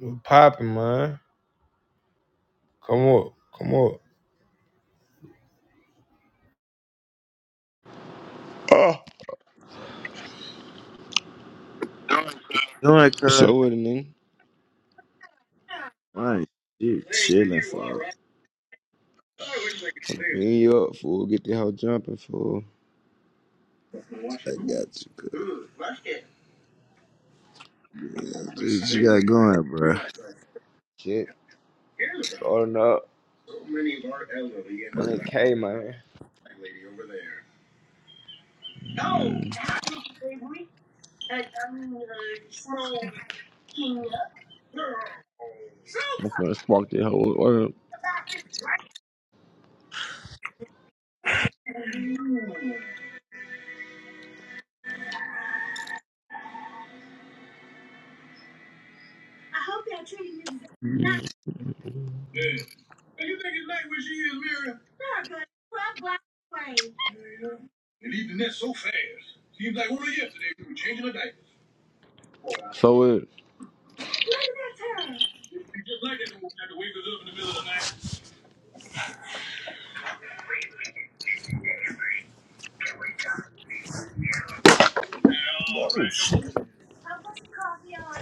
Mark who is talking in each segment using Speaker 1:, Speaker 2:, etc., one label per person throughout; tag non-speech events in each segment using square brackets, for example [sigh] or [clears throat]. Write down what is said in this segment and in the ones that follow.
Speaker 1: What poppin', man? Come up, come up. Ah.
Speaker 2: doing, cuz?
Speaker 1: So what, nigga?
Speaker 2: Right. You chilling, for I
Speaker 1: Bring you up, fool. Get the hoe jumping, fool.
Speaker 2: got you, cuz. What you got going, bro?
Speaker 1: Shit, starting up. 100K, man. I'm finna spark that hoe. Word.
Speaker 2: Mm. Yeah. And you think it's late where she is, Miriam? Not good. Twelve black planes. Yeah, yeah. They leave the net so fast. Seems like only yesterday we were changing the diapers. Boy,
Speaker 1: So what?
Speaker 2: Look at that turn. it just like that old cat to wake us up in the middle of the night. Now, right. Nice. I'll put some coffee on.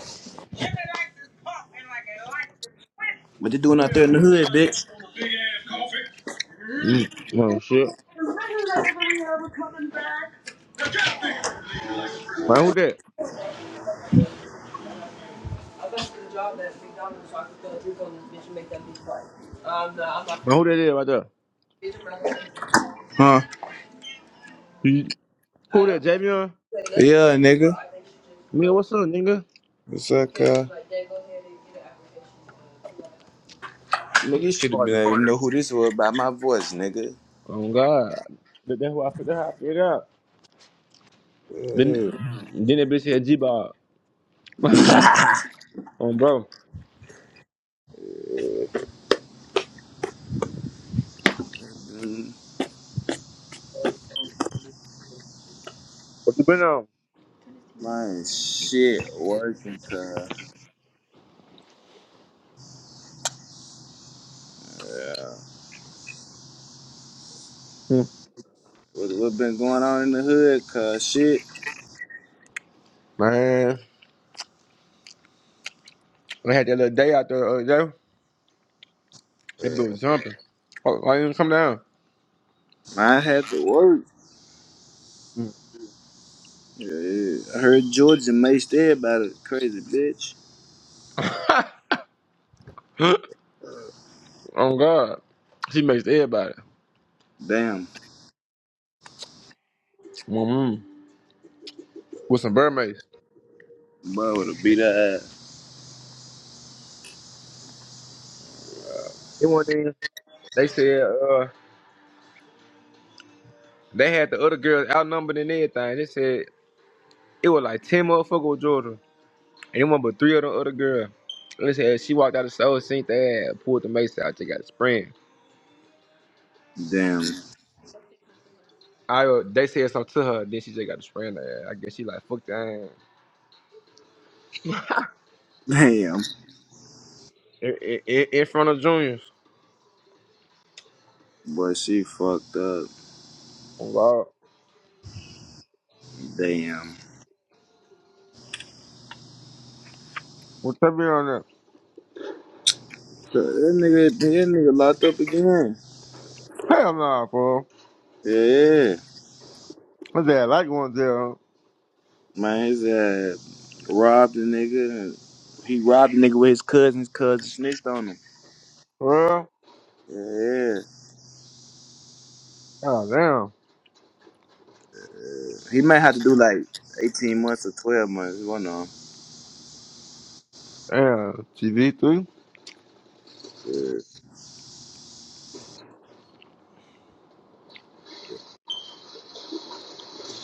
Speaker 2: What you doing out Yeah, there in the hood, uh, bitch? big ass coffee.
Speaker 1: You, man, shit.
Speaker 2: Is this like we ever coming back?
Speaker 1: Man, who that? Man, who that is right there?
Speaker 2: Huh?
Speaker 1: He- Who that, Javion?
Speaker 2: Yeah, nigga.
Speaker 1: Nigga, what's up, nigga?
Speaker 2: What's up, cuz? Nigga, you should have been
Speaker 1: Partner.
Speaker 2: able to know who this was by my voice, nigga.
Speaker 1: Oh, God. That- That's why I figured how I figured out. Then, then that bitch had G-Bob. [laughs] Um, bro. What you been on?
Speaker 2: My shit working, cuz.
Speaker 1: Hmm.
Speaker 2: What, what been going on in the hood, cuz? Shit,
Speaker 1: Man, we had that little day out there the other day. That bitch was jumping. Why didn't it come down?
Speaker 2: man, I had to work.
Speaker 1: [gasps]
Speaker 2: Yeah, yeah. I heard Georgia maced everybody. Crazy bitch.
Speaker 1: [laughs] oh God, she makes everybody.
Speaker 2: Damn.
Speaker 1: Mm-hmm. With some mermaids.
Speaker 2: Boy, would have beat her ass.
Speaker 1: It wasn't even. They said uh they had the other girls outnumbered and everything. They said it was like ten motherfuckers with Georgia. And it was but three of the other girls. they said she walked out of the store, seen the ass, pulled the mace out, she got a sprain.
Speaker 2: Damn.
Speaker 1: I uh, they said something to her, then she just got a sprain there. I guess she like fuck that ass.
Speaker 2: [laughs] Damn.
Speaker 1: in, in, in front of juniors.
Speaker 2: Boy, she fucked up.
Speaker 1: Oh God.
Speaker 2: Damn.
Speaker 1: What that be on there?
Speaker 2: That nigga, that nigga locked up again.
Speaker 1: Hell no, bro.
Speaker 2: Yeah. yeah.
Speaker 1: My dad like going to jail.
Speaker 2: Man, his ass robbed a nigga. and He robbed a nigga with his cousins. Cousin snitched on him.
Speaker 1: Well,
Speaker 2: Yeah,
Speaker 1: oh damn,
Speaker 2: he might have to do like eighteen months or twelve months. One on.
Speaker 1: damn, TV3.
Speaker 2: Yeah,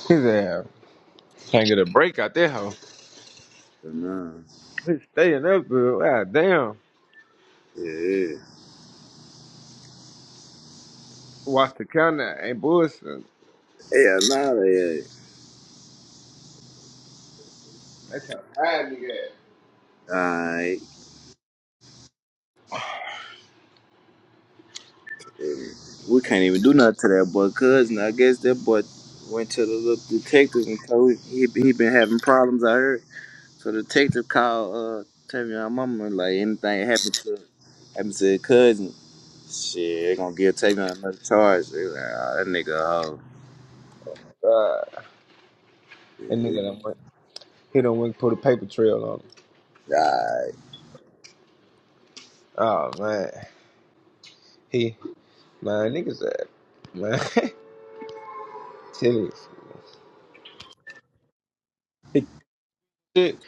Speaker 1: His ass can't get a break out there, hoe.
Speaker 2: nah.
Speaker 1: He stay in there, dude. God damn.
Speaker 2: Yeah,
Speaker 1: Watch the counter ain't bullshit. They
Speaker 2: yeah, nah. Yeah.
Speaker 1: trying to hide nigga. ass.
Speaker 2: Alright, we can't even do nothing to that boy. Cousin, I guess that boy went to the little detective and told him he he been having problems. I heard. So the detective called uh, tell me mama like anything happened to happened to his cousin. Shit, they gonna give Tavion another charge. They like, "Ah, that nigga a hoe.
Speaker 1: God, that nigga
Speaker 2: He
Speaker 1: don't want. He don't want to put a paper trail on him.
Speaker 2: died.
Speaker 1: Oh man, he man niggas that man. [laughs] Tell you, his shit,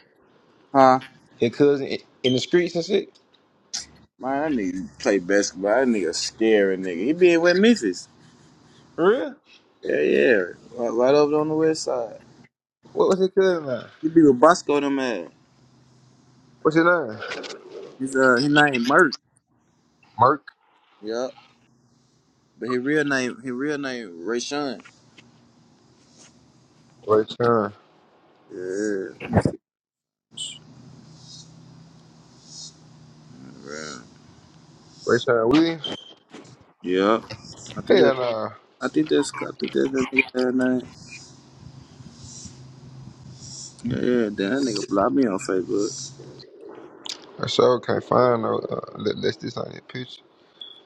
Speaker 2: Huh?
Speaker 1: his cousin i- in the streets and shit.
Speaker 2: Man, that nigga play basketball. That nigga scary nigga. He been with Memphis.
Speaker 1: For Real?
Speaker 2: Yeah, yeah. Right, right over on the west side.
Speaker 1: What was his cousin name?
Speaker 2: He be with Bosco them man.
Speaker 1: What's his name?
Speaker 2: His uh his name Merk.
Speaker 1: Mark.
Speaker 2: Yep. But his real name his real name Rayshawn.
Speaker 1: Rayshon.
Speaker 2: Yeah. Yeah.
Speaker 1: Rayshon Williams.
Speaker 2: Yep. I think that
Speaker 1: Hell nah.
Speaker 2: I think that's I think that's that nigga name. Yeah, yeah, Damn, that nigga blocked me on Facebook.
Speaker 1: I sure can't find no uh, let, let's this on your picture.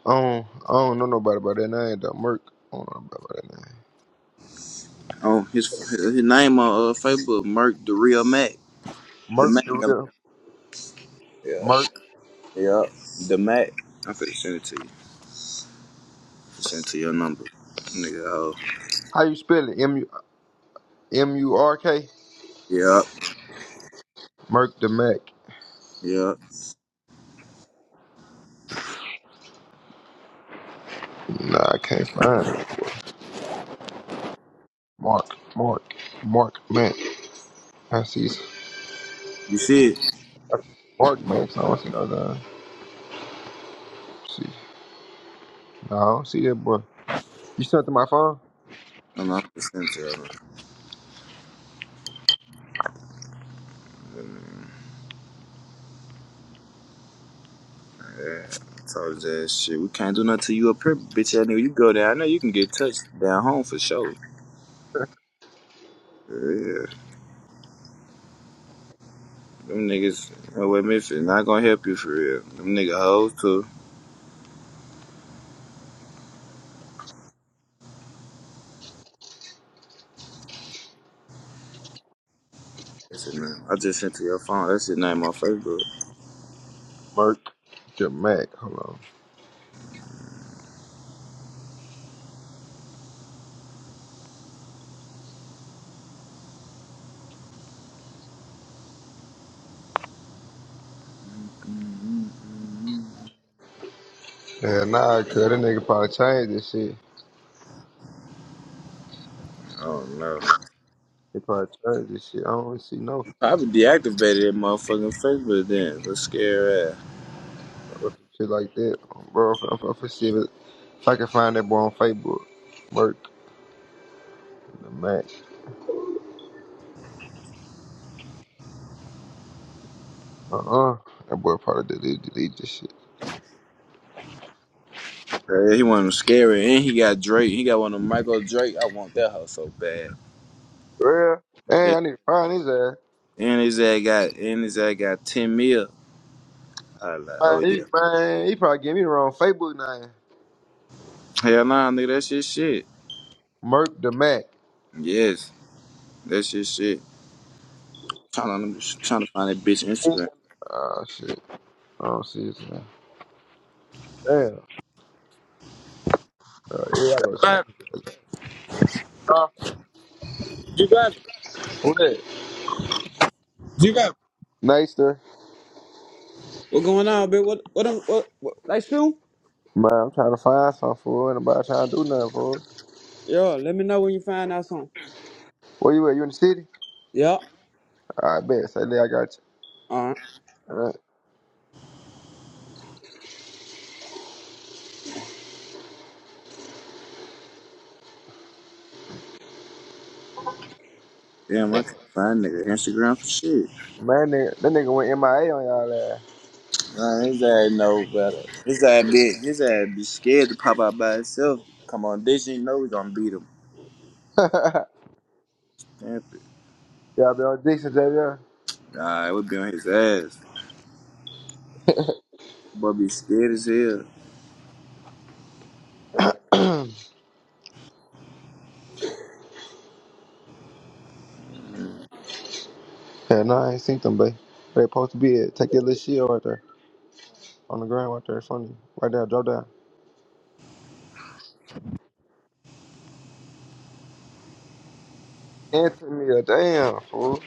Speaker 1: I don't, I don't know nobody by that name though. Merc. I don't know nobody by that
Speaker 2: On his his name on uh, Facebook, Merk the real Mac.
Speaker 1: name.
Speaker 2: The
Speaker 1: Merc
Speaker 2: Mac.
Speaker 1: the
Speaker 2: I mean,
Speaker 1: real
Speaker 2: yeah.
Speaker 1: Merc.
Speaker 2: Yeah. The Mac. I'm finna send it to you. Send it to your number. Nigga, oh.
Speaker 1: How you spell it? M U M U R K?
Speaker 2: Yeah.
Speaker 1: Merc the Mac.
Speaker 2: Yeah.
Speaker 1: Nah, I can't find it. Mark. Mark. Mark Mac. I see I
Speaker 2: You see it?
Speaker 1: see Mark Mac. I don't see no other see. No, I don't see that boy. You sent to my phone?
Speaker 2: I'm not finna send it to your number. Yeah. Told his ass shit. We can't do nothing to you up here, bitch ass nigga. You go there. I know you can get touched down home for sure.
Speaker 1: [laughs]
Speaker 2: Yeah. Them niggas no way, me for not gonna help you for real. Them nigga hoes too. That's his name. I just sent to your phone. That's his name on Facebook.
Speaker 1: Merc the Mac. Hold on. Yeah, nah, cuz that nigga probably changed this shit.
Speaker 2: I don't know.
Speaker 1: They probably changed this shit. I don't see no
Speaker 2: Probably deactivated that motherfucking Facebook then. Let's scare ass.
Speaker 1: fucking shit like that, Um, bro. If, if, if, I see it, if I can find that boy on Facebook, Merc, the Mac. Uh uh That boy probably deleted, deleted this shit.
Speaker 2: Yeah, he one of them scary, and he got Drake. He got one of them Michael Drake. I want that house so bad.
Speaker 1: Real? Man,
Speaker 2: Yeah.
Speaker 1: I need to find his ass.
Speaker 2: And his ass got and his ass got ten mil. I was like,
Speaker 1: Man,
Speaker 2: oh
Speaker 1: he,
Speaker 2: yeah.
Speaker 1: man, he probably gave me the wrong Facebook name.
Speaker 2: Hell nah, nigga, that's your shit.
Speaker 1: Merc the Mac.
Speaker 2: Yes, that's your shit. Trying to trying to find that bitch Instagram.
Speaker 1: Oh, shit. I don't see his name. Damn. Uh, yeah, I go slap
Speaker 3: Grab,
Speaker 1: his ass. Huh?
Speaker 3: you grab it.
Speaker 1: Who that?
Speaker 3: You grab
Speaker 1: Naster.
Speaker 3: What going on, bitch? What what, them- what what like shoe?
Speaker 1: Man, I'm trying to find something for her. Ain't nobody trying to do nothing for her.
Speaker 3: Yo, let me know when you find out something.
Speaker 1: Where you at? You in the city?
Speaker 3: Yeah.
Speaker 1: I bet. Say, there I got
Speaker 3: All right.
Speaker 1: you. Uh,
Speaker 2: Damn, I can't find nigga Instagram for shit.
Speaker 1: Man, nigga, that nigga went MIA on y'all
Speaker 2: Nah, his ass know better. His ass be his ass be scared to pop out by himself. Come on, this you know we gonna beat him.
Speaker 1: ass. [laughs]
Speaker 2: Damn it.
Speaker 1: y'all be on Dixon, JJ.
Speaker 2: Nah, it would be on his ass. Boy be scared as hell.
Speaker 1: yeah, no, [clears throat] I ain't seen them, babe. Where They supposed to be at. Take your little shield right there. On the ground right there. It's on you. Right there. Drop down. Anthony, damn, fool.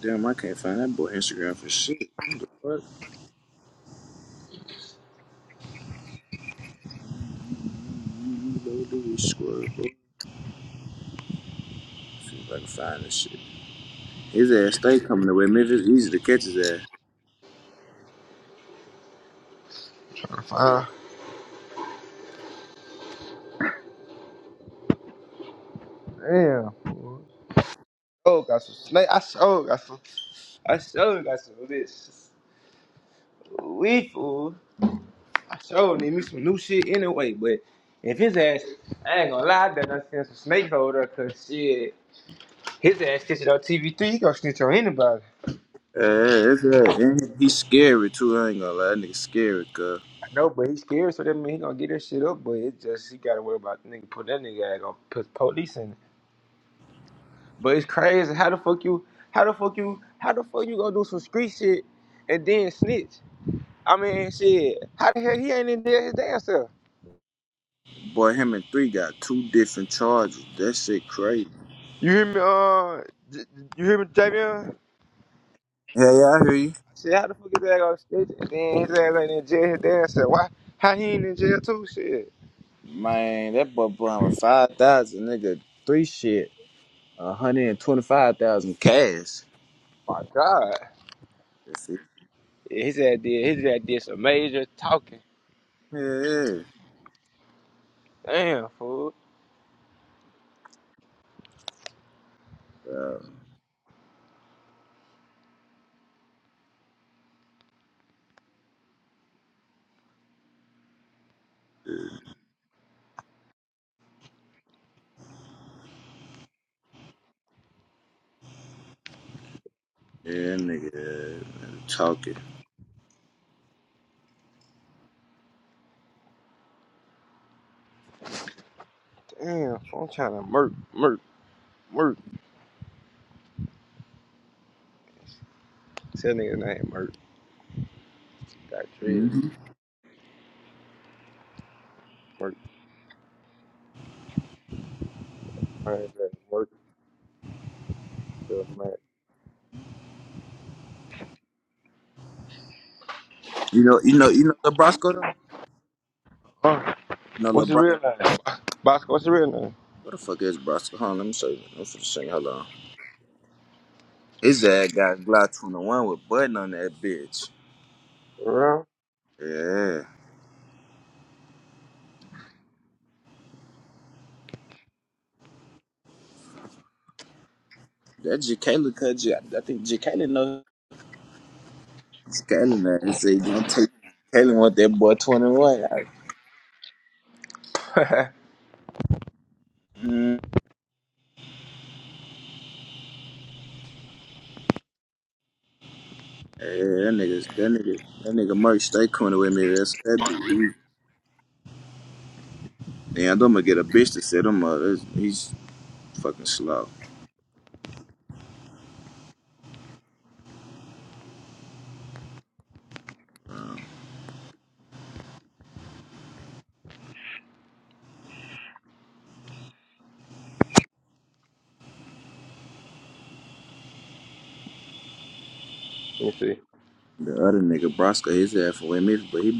Speaker 2: Damn, I can't find that boy Instagram for shit. Fuck you, don't do this squirrel, boy. See if I can find this shit. His ass stay coming away. Man, it's easy to catch his ass.
Speaker 1: Uh, damn, fool. Oh, got some snake. I sure got some. I sure got some of this. We fool. I sure need me some new shit anyway. But if his ass, I ain't gonna lie, I done seen some snakes over there. Cause shit. His ass snitching on TV3, he gonna snitch on anybody.
Speaker 2: Uh, that's right. And he's scary too. I ain't gonna lie, that nigga scary. Cause
Speaker 1: I know, but he's scared, so that mean he gonna get that shit up. But it's just he gotta worry about the nigga put that nigga ass gonna put police in. it. But it's crazy. How the fuck you? How the fuck you? How the fuck you gonna do some street shit and then snitch? I mean, shit. How the hell he ain't in there his damn self?
Speaker 2: boy, him and three got two different charges. That shit crazy.
Speaker 1: You hear me? Uh, j- j- you hear me, Javion? I
Speaker 2: Yeah, yeah, I hear you.
Speaker 1: said, how the fuck is that gonna snitch and then his ass ain't in jail his damn self? Why? How he ain't in jail too? Shit.
Speaker 2: Man, that boy blind with five thousand, nigga. Three shit, one hundred and twenty-five thousand cash.
Speaker 1: My God.
Speaker 2: That's it.
Speaker 1: Yeah, his ass did. His ass did some major talking.
Speaker 2: Yeah, yeah,
Speaker 1: Damn, fool.
Speaker 2: bro. Yeah, nigga, uh, talking.
Speaker 1: Damn, fool. I'm trying to murk, murk, murk. Tell nigga name murk. Got dread.
Speaker 2: Mhm.
Speaker 1: Murk. My name is Murk. Still mad.
Speaker 2: You know, you know, you know, Lebrosco. though?
Speaker 1: Huh?
Speaker 2: You know,
Speaker 1: What's your
Speaker 2: Lebrosco.
Speaker 1: real name? Bosco, what's your real name?
Speaker 2: What the fuck is Brosco? Hold on, let me show you. I'm finna show you. Hold on. His ass got Glock 21 with button on that bitch.
Speaker 1: Around?
Speaker 2: Yeah, that Jacalyn cut you. I think Jacalyn know. Jacalyn that say he don't take. Jacalyn want that boy 21.
Speaker 1: [laughs] Let
Speaker 2: mm, yeah, that nigga, that nigga, that nigga Murray stay corner with me. That's that be. Damn, I'm gonna get a bitch to set him up. That's- He's fucking slow.
Speaker 1: me see.
Speaker 2: The other nigga Brosco, his ass for with me, but he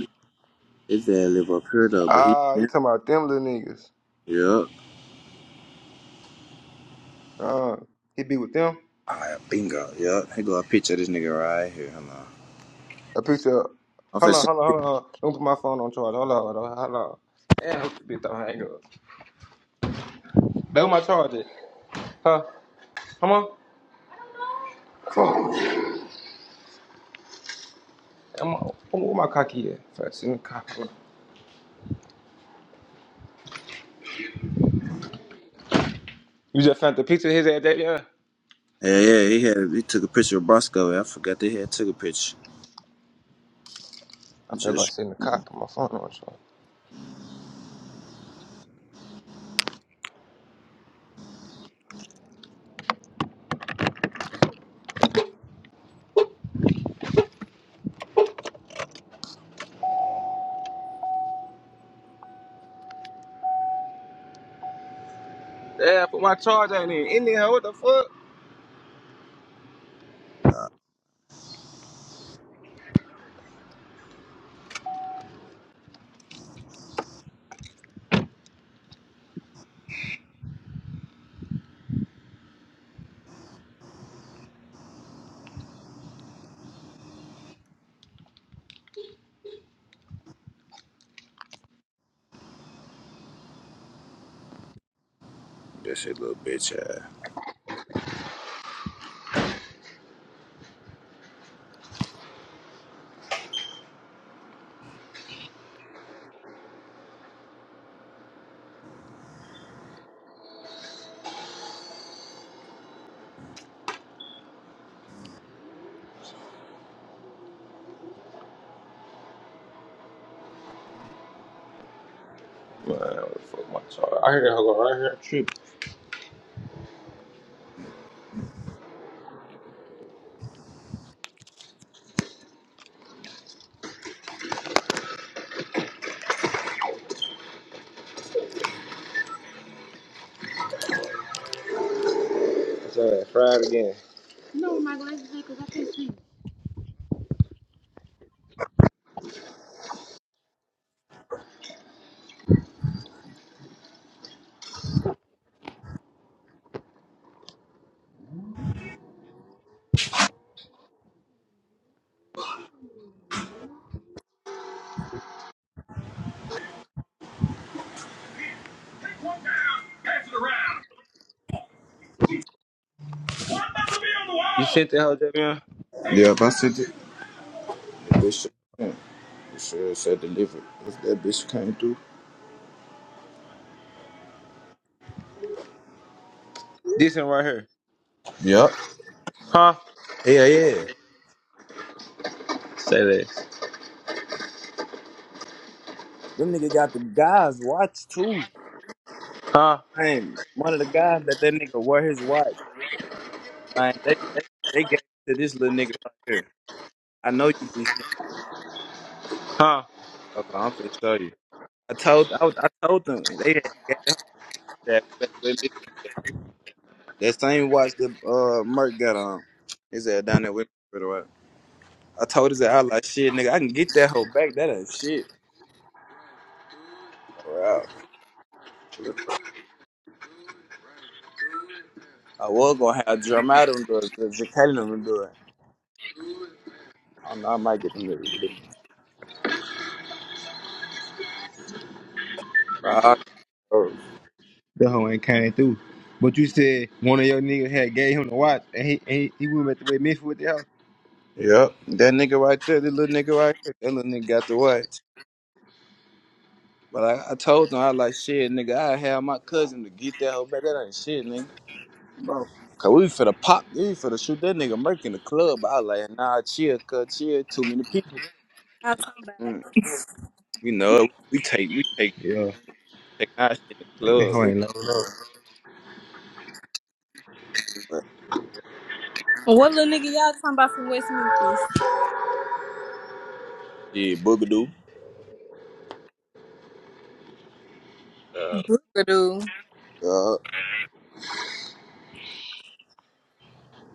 Speaker 2: His dad live up here though, but he
Speaker 1: Ah, you talking about them little niggas.
Speaker 2: Yup.
Speaker 1: Uh, he be with them?
Speaker 2: Alright, bingo. Yup. Here go a picture of this nigga right here. Hold on.
Speaker 1: A picture up.
Speaker 2: I'm
Speaker 1: Hold
Speaker 2: finna
Speaker 1: on,
Speaker 2: send
Speaker 1: hold on, hold
Speaker 2: you-
Speaker 1: on. hold on. Don't put my phone on charge. Hold on, hold on, hold on. Damn, this bitch don't hang up. That was my charger. Huh? Come on. Fuck. I'm, where my cocky at? Fast in the car. You just sent the picture of his ass that yeah.
Speaker 2: Yeah, yeah, he had he took a picture of Bosco. I forgot they had took a picture. I
Speaker 1: I feel like
Speaker 2: just
Speaker 1: I in the cop put my phone on charge. Yeah, I put my charger in it. In there, what the fuck?
Speaker 2: that shit little bitch ass.
Speaker 1: Man, what the fuck, my charger? I heard that hoe go right here, trip. His ass fried again. No, my glasses because I can't see.
Speaker 2: One down, pass it around. One number be on the
Speaker 1: You sent that hoe, Javion?
Speaker 2: wall. Yup, I sent it. That bitch shit- hmm, it sure said delivered. If that bitch came through.
Speaker 1: This one right here.
Speaker 2: Yup.
Speaker 1: Huh?
Speaker 2: Yeah, yeah.
Speaker 1: Say this.
Speaker 2: Them nigga got the guys watch too.
Speaker 1: Huh?
Speaker 2: Dang, one of the guys that that nigga wore his watch. Man, they they, they gave it to this little nigga right here. I know you be.
Speaker 1: Huh?
Speaker 2: Okay, I'm finna show you. I told I, was, I told them they had gave that that back with me. That same watch that uh Merc got on. He said down there with me for the while. I told his ass, I was like shit, nigga. I can get that hoe back. That ain't shit. Wow. I was gonna have Dramatum do it, but Jacalum do it. I don't know. I might get them niggas to do it. Five hours.
Speaker 1: The hoe ain't came through. But you said one of your niggas had gave him the watch and he and he, he went back to way Memphis with the hoe.
Speaker 2: Yep. That nigga right there, that little nigga right here, that little nigga got the watch. But I, I told them I was like shit, nigga. I have my cousin to get that hoe back. That ain't shit, nigga. Bro. Cause we finna pop, we finna shoot that nigga Merc in the club. I was like, nah, chill, cuz chill. Too many people.
Speaker 4: Y'all talking-
Speaker 2: Mm. You know, we take, we take,
Speaker 1: Yeah.
Speaker 2: take our shit in the
Speaker 1: That
Speaker 2: club.
Speaker 1: hoe
Speaker 2: We,
Speaker 1: ain't low, low.
Speaker 4: What little nigga y'all talking about from West Memphis?
Speaker 2: yeah, boogadoo. Uh,
Speaker 4: Boogadoo.
Speaker 2: uh,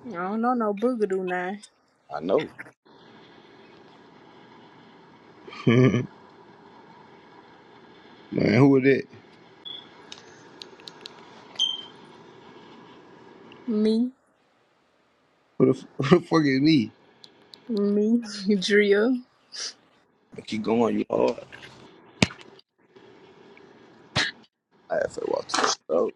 Speaker 4: I don't know no boogadoo now.
Speaker 2: I know.
Speaker 1: [laughs] Man, who was that?
Speaker 4: Me,
Speaker 1: Who the, f- [laughs] who the fuck is me?
Speaker 4: me, [laughs] Drill.
Speaker 2: Keep going, you hard. I have to walk to the store.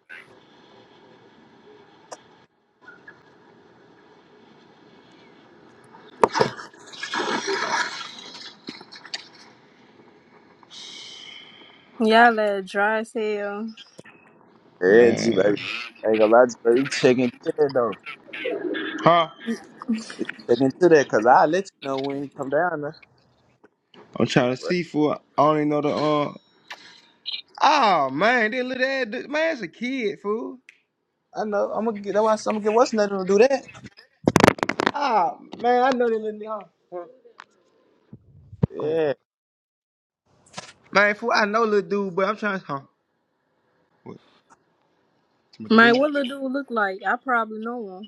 Speaker 4: Y'all that dry as hell.
Speaker 2: Yeah, G
Speaker 1: Man.
Speaker 2: baby. I ain't gonna lie, G baby. You Checking to that though.
Speaker 1: Huh?
Speaker 2: You Checking to that, cause I let you know when you come down. There.
Speaker 1: I'm trying to see fool. I don't even know the uh Oh man, that little ass dude- man, it's a kid, fool.
Speaker 2: I know. I'm gonna get. That's why I said I'm gonna get what's nothing to do that.
Speaker 1: Oh man, I know that little nigga. Huh? Huh? I'm okay.
Speaker 2: Yeah.
Speaker 1: Man, fool, I know little dude, but I'm trying to huh. What? Some of the
Speaker 4: Man,
Speaker 1: dude?
Speaker 4: what little dude look like? I probably know him.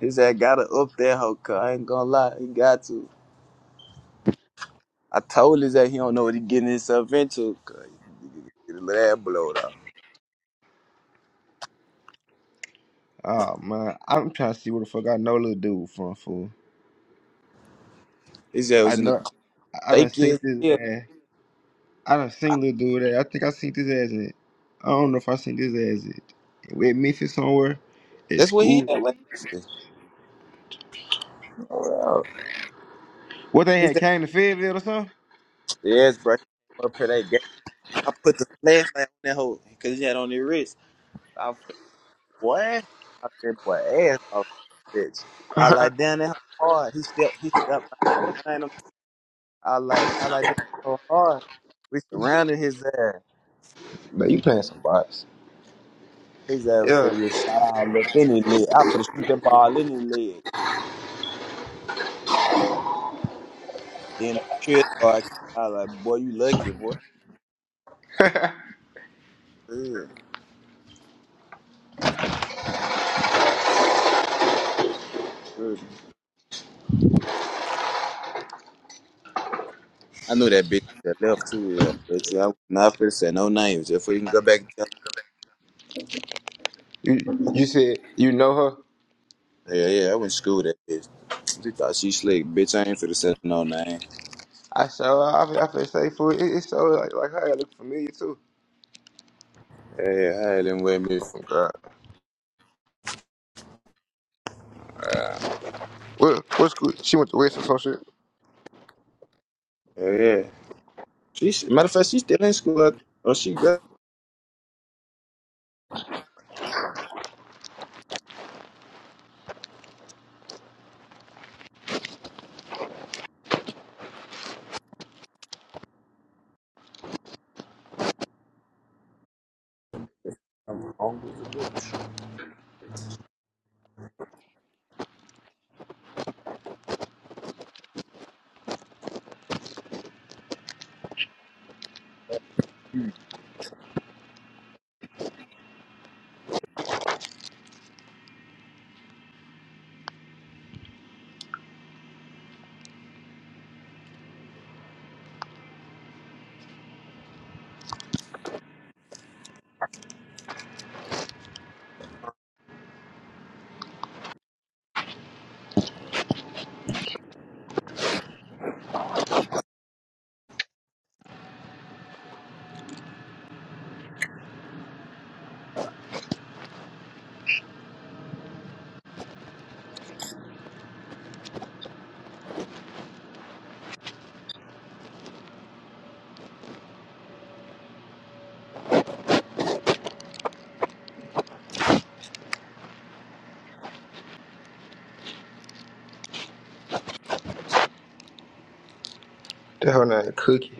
Speaker 2: He said, gotta up that hoe, cuz. I ain't gonna lie. He got to. I told his that he don't know what he getting himself into, cuz. He get let that blow though.
Speaker 1: Oh man, I'm trying to see where the fuck I know little dude from, fool.
Speaker 2: He said it
Speaker 1: I
Speaker 2: was in the
Speaker 1: know I I done
Speaker 2: shaky
Speaker 1: seen
Speaker 2: as
Speaker 1: this
Speaker 2: hell.
Speaker 1: ass. I done
Speaker 2: I-
Speaker 1: seen little dude that I think I seen this ass in. it. I don't know if I seen this ass in it. with Memphis somewhere at
Speaker 2: That's what he
Speaker 1: school.
Speaker 2: had with Memphis. Well,
Speaker 1: What they
Speaker 2: his
Speaker 1: had
Speaker 2: ass
Speaker 1: came to Fayetteville or something?
Speaker 2: yes, bro. He Up for that game. I put the flashlight on that hoe, cause he had on his wrist. I put, what? I said, boy, ass off this bitch. I
Speaker 1: [laughs]
Speaker 2: like down that hoe hard. He stepped, he stepped. What's his name? I like, I like that hoe hard. We surrounded his ass.
Speaker 1: But you playing some bots.
Speaker 2: His ass
Speaker 1: Yeah.
Speaker 2: figure shot all up in his leg. I for to shoot that ball in his leg. Then the security guard came out like, boy, you lucky, boy. Yeah, good. I knew that bitch that left too, yeah. Bitch, I was not finna say no names. If we can go back and tell
Speaker 1: You you said you know her.
Speaker 2: her. yeah, yeah, I went to school with that bitch. She thought she slick. Bitch, I ain't finna say no name.
Speaker 1: I saw her. I, I feel safe for it. It- It's so like like her. It look familiar too.
Speaker 2: Yeah, yeah, I had them with me.
Speaker 1: Oh God. What what school? She went to West or some shit.
Speaker 2: Yeah, yeah. She, matter of fact, she still in school. I- Oh, she got.
Speaker 1: That her name Cookie.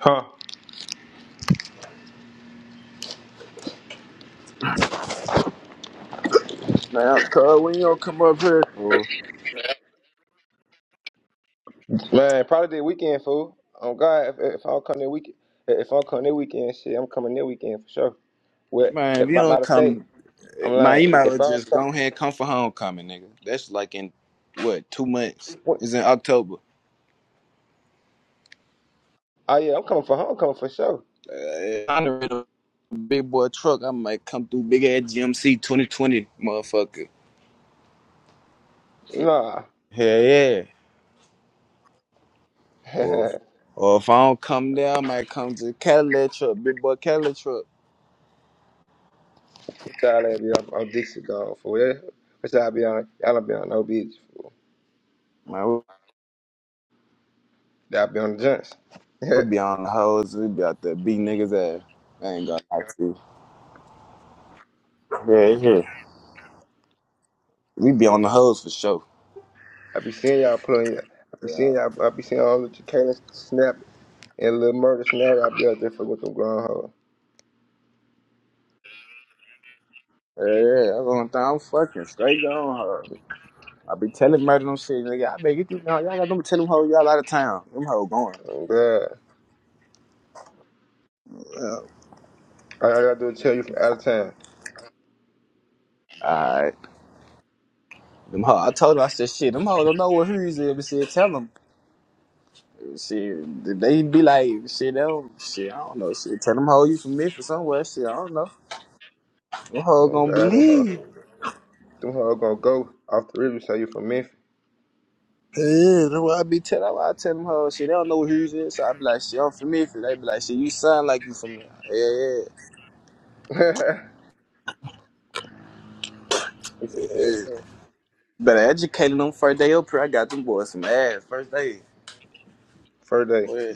Speaker 1: Huh.
Speaker 2: Now, cuz, when you don't come up here. fool.
Speaker 1: Man, probably that weekend fool. Oh God, if, if I don't come that weekend, if I don't come that weekend, shit, I'm coming that weekend for sure. What?
Speaker 2: Man, if
Speaker 1: If,
Speaker 2: you
Speaker 1: ma-
Speaker 2: don't
Speaker 1: matter of fact,
Speaker 2: come,
Speaker 1: I'm
Speaker 2: my
Speaker 1: like,
Speaker 2: email
Speaker 1: if I
Speaker 2: was
Speaker 1: don't
Speaker 2: just
Speaker 1: come,
Speaker 2: go ahead come for homecoming, nigga. That's like in what two months?
Speaker 1: what?
Speaker 2: It's in October.
Speaker 1: Oh yeah, I'm coming for her. I'm coming for sure.
Speaker 2: Uh, if I'm in a big boy truck. I might come through big ass GMC 2020, motherfucker.
Speaker 1: Nah.
Speaker 2: Hell yeah. Or,
Speaker 1: [laughs]
Speaker 2: or if I don't come there, I might come to the Cadillac truck, big boy Cadillac truck.
Speaker 1: What y'all at be on? I'm Dixie gone for yeah. What y'all be on? Y'all don't be on no bitch fool.
Speaker 2: Man, we'll,
Speaker 1: Y'all be on the junks. [laughs] I
Speaker 2: we'll be on the hoes. We'll be out there beating niggas ass. I ain't gonna lie to you. Yeah, yeah. We be on the hoes for sure.
Speaker 1: be seeing y'all pulling. I be seeing y'all. I be seeing all the Chicana snap and little murder snap. Y'all be out there fucking with them grown hoes.
Speaker 2: Yeah, yeah, that's one thing. I'm fucking straight on her. I be telling murder them shit, nigga. I bet get these no, y'all got them tell them hoes y'all out of town. Them hoes going.
Speaker 1: Oh god.
Speaker 2: Well,
Speaker 1: All I gotta do is tell you from out of town.
Speaker 2: Alright. Them hoes I told her I said shit, them hoes don't know what hers is, but shit, tell them. Shit, they be like, shit, they don't shit, I don't know. Shit, tell them hoes you from Memphis somewhere, shit, I don't know. Them hoes
Speaker 1: Oh
Speaker 2: gonna
Speaker 1: god, them hoes.
Speaker 2: believe.
Speaker 1: Them hoes gonna go off the river. Say you from Memphis.
Speaker 2: Yeah, that's what I be telling that's why I tell them hoes, shit, they don't know what hers is. So I be like, shit, I'm from Memphis. They be like, shit, you sound like you from there. Yeah, yeah.
Speaker 1: [laughs] he said, hey, hey.
Speaker 2: Better educate them first day up here. I got them boys some ass first day.
Speaker 1: first day.
Speaker 2: Well,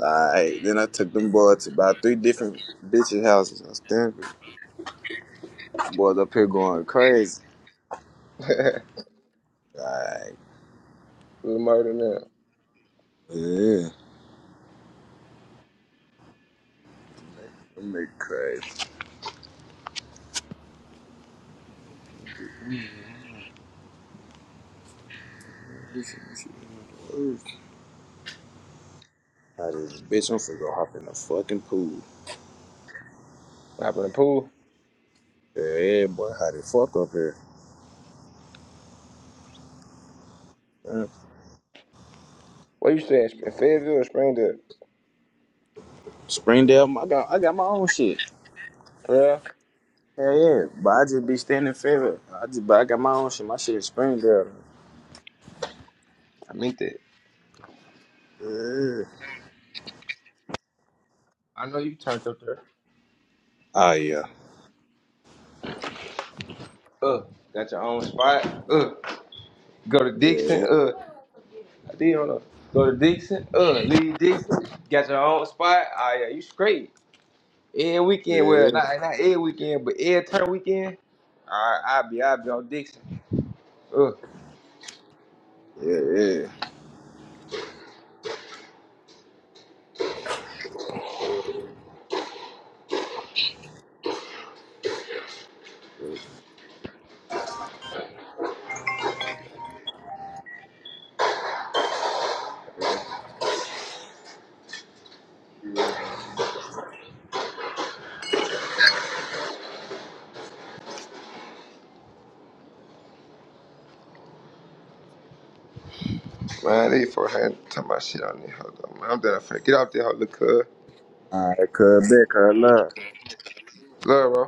Speaker 2: Alright, then I took them boys to about three different bitches' houses in Stanford. Boys up here going crazy.
Speaker 1: [laughs]
Speaker 2: Like
Speaker 1: little murder now.
Speaker 2: yeah, I'm make crazy. This shit- this shit is the worst. Hot as a bitch, I'm finna go hop in the fucking pool.
Speaker 1: What happened in the pool?
Speaker 2: yeah, boy, how the fuck up here? Yeah.
Speaker 1: What you saying? In Fayetteville or Springdale?
Speaker 2: Springdale, I got, I got my own shit.
Speaker 1: Yeah.
Speaker 2: Hell yeah, but I just be standing favorite. I just, but I got my own shit. My shit is Springdale.
Speaker 1: I mean that.
Speaker 2: Yeah.
Speaker 1: I know you turned up there.
Speaker 2: Oh yeah.
Speaker 1: Uh, got your own spot. Uh, go to Dixon.
Speaker 2: Yeah,
Speaker 1: Uh, I did on know. Go to Dixon. Uh, leave Dixon. Got your own spot. Ah, yeah, you straight. Every weekend, well,
Speaker 2: yeah,
Speaker 1: not not every weekend, but every turn weekend. All right, I'll be, I'll be on Dixon. Uh,
Speaker 2: yeah, yeah.
Speaker 1: man, they for had talking about shit on there. Hold on, man. I'm done. I'm finna get off there. hold the cuz.
Speaker 2: All right, cut back, huh?
Speaker 1: Love, bro.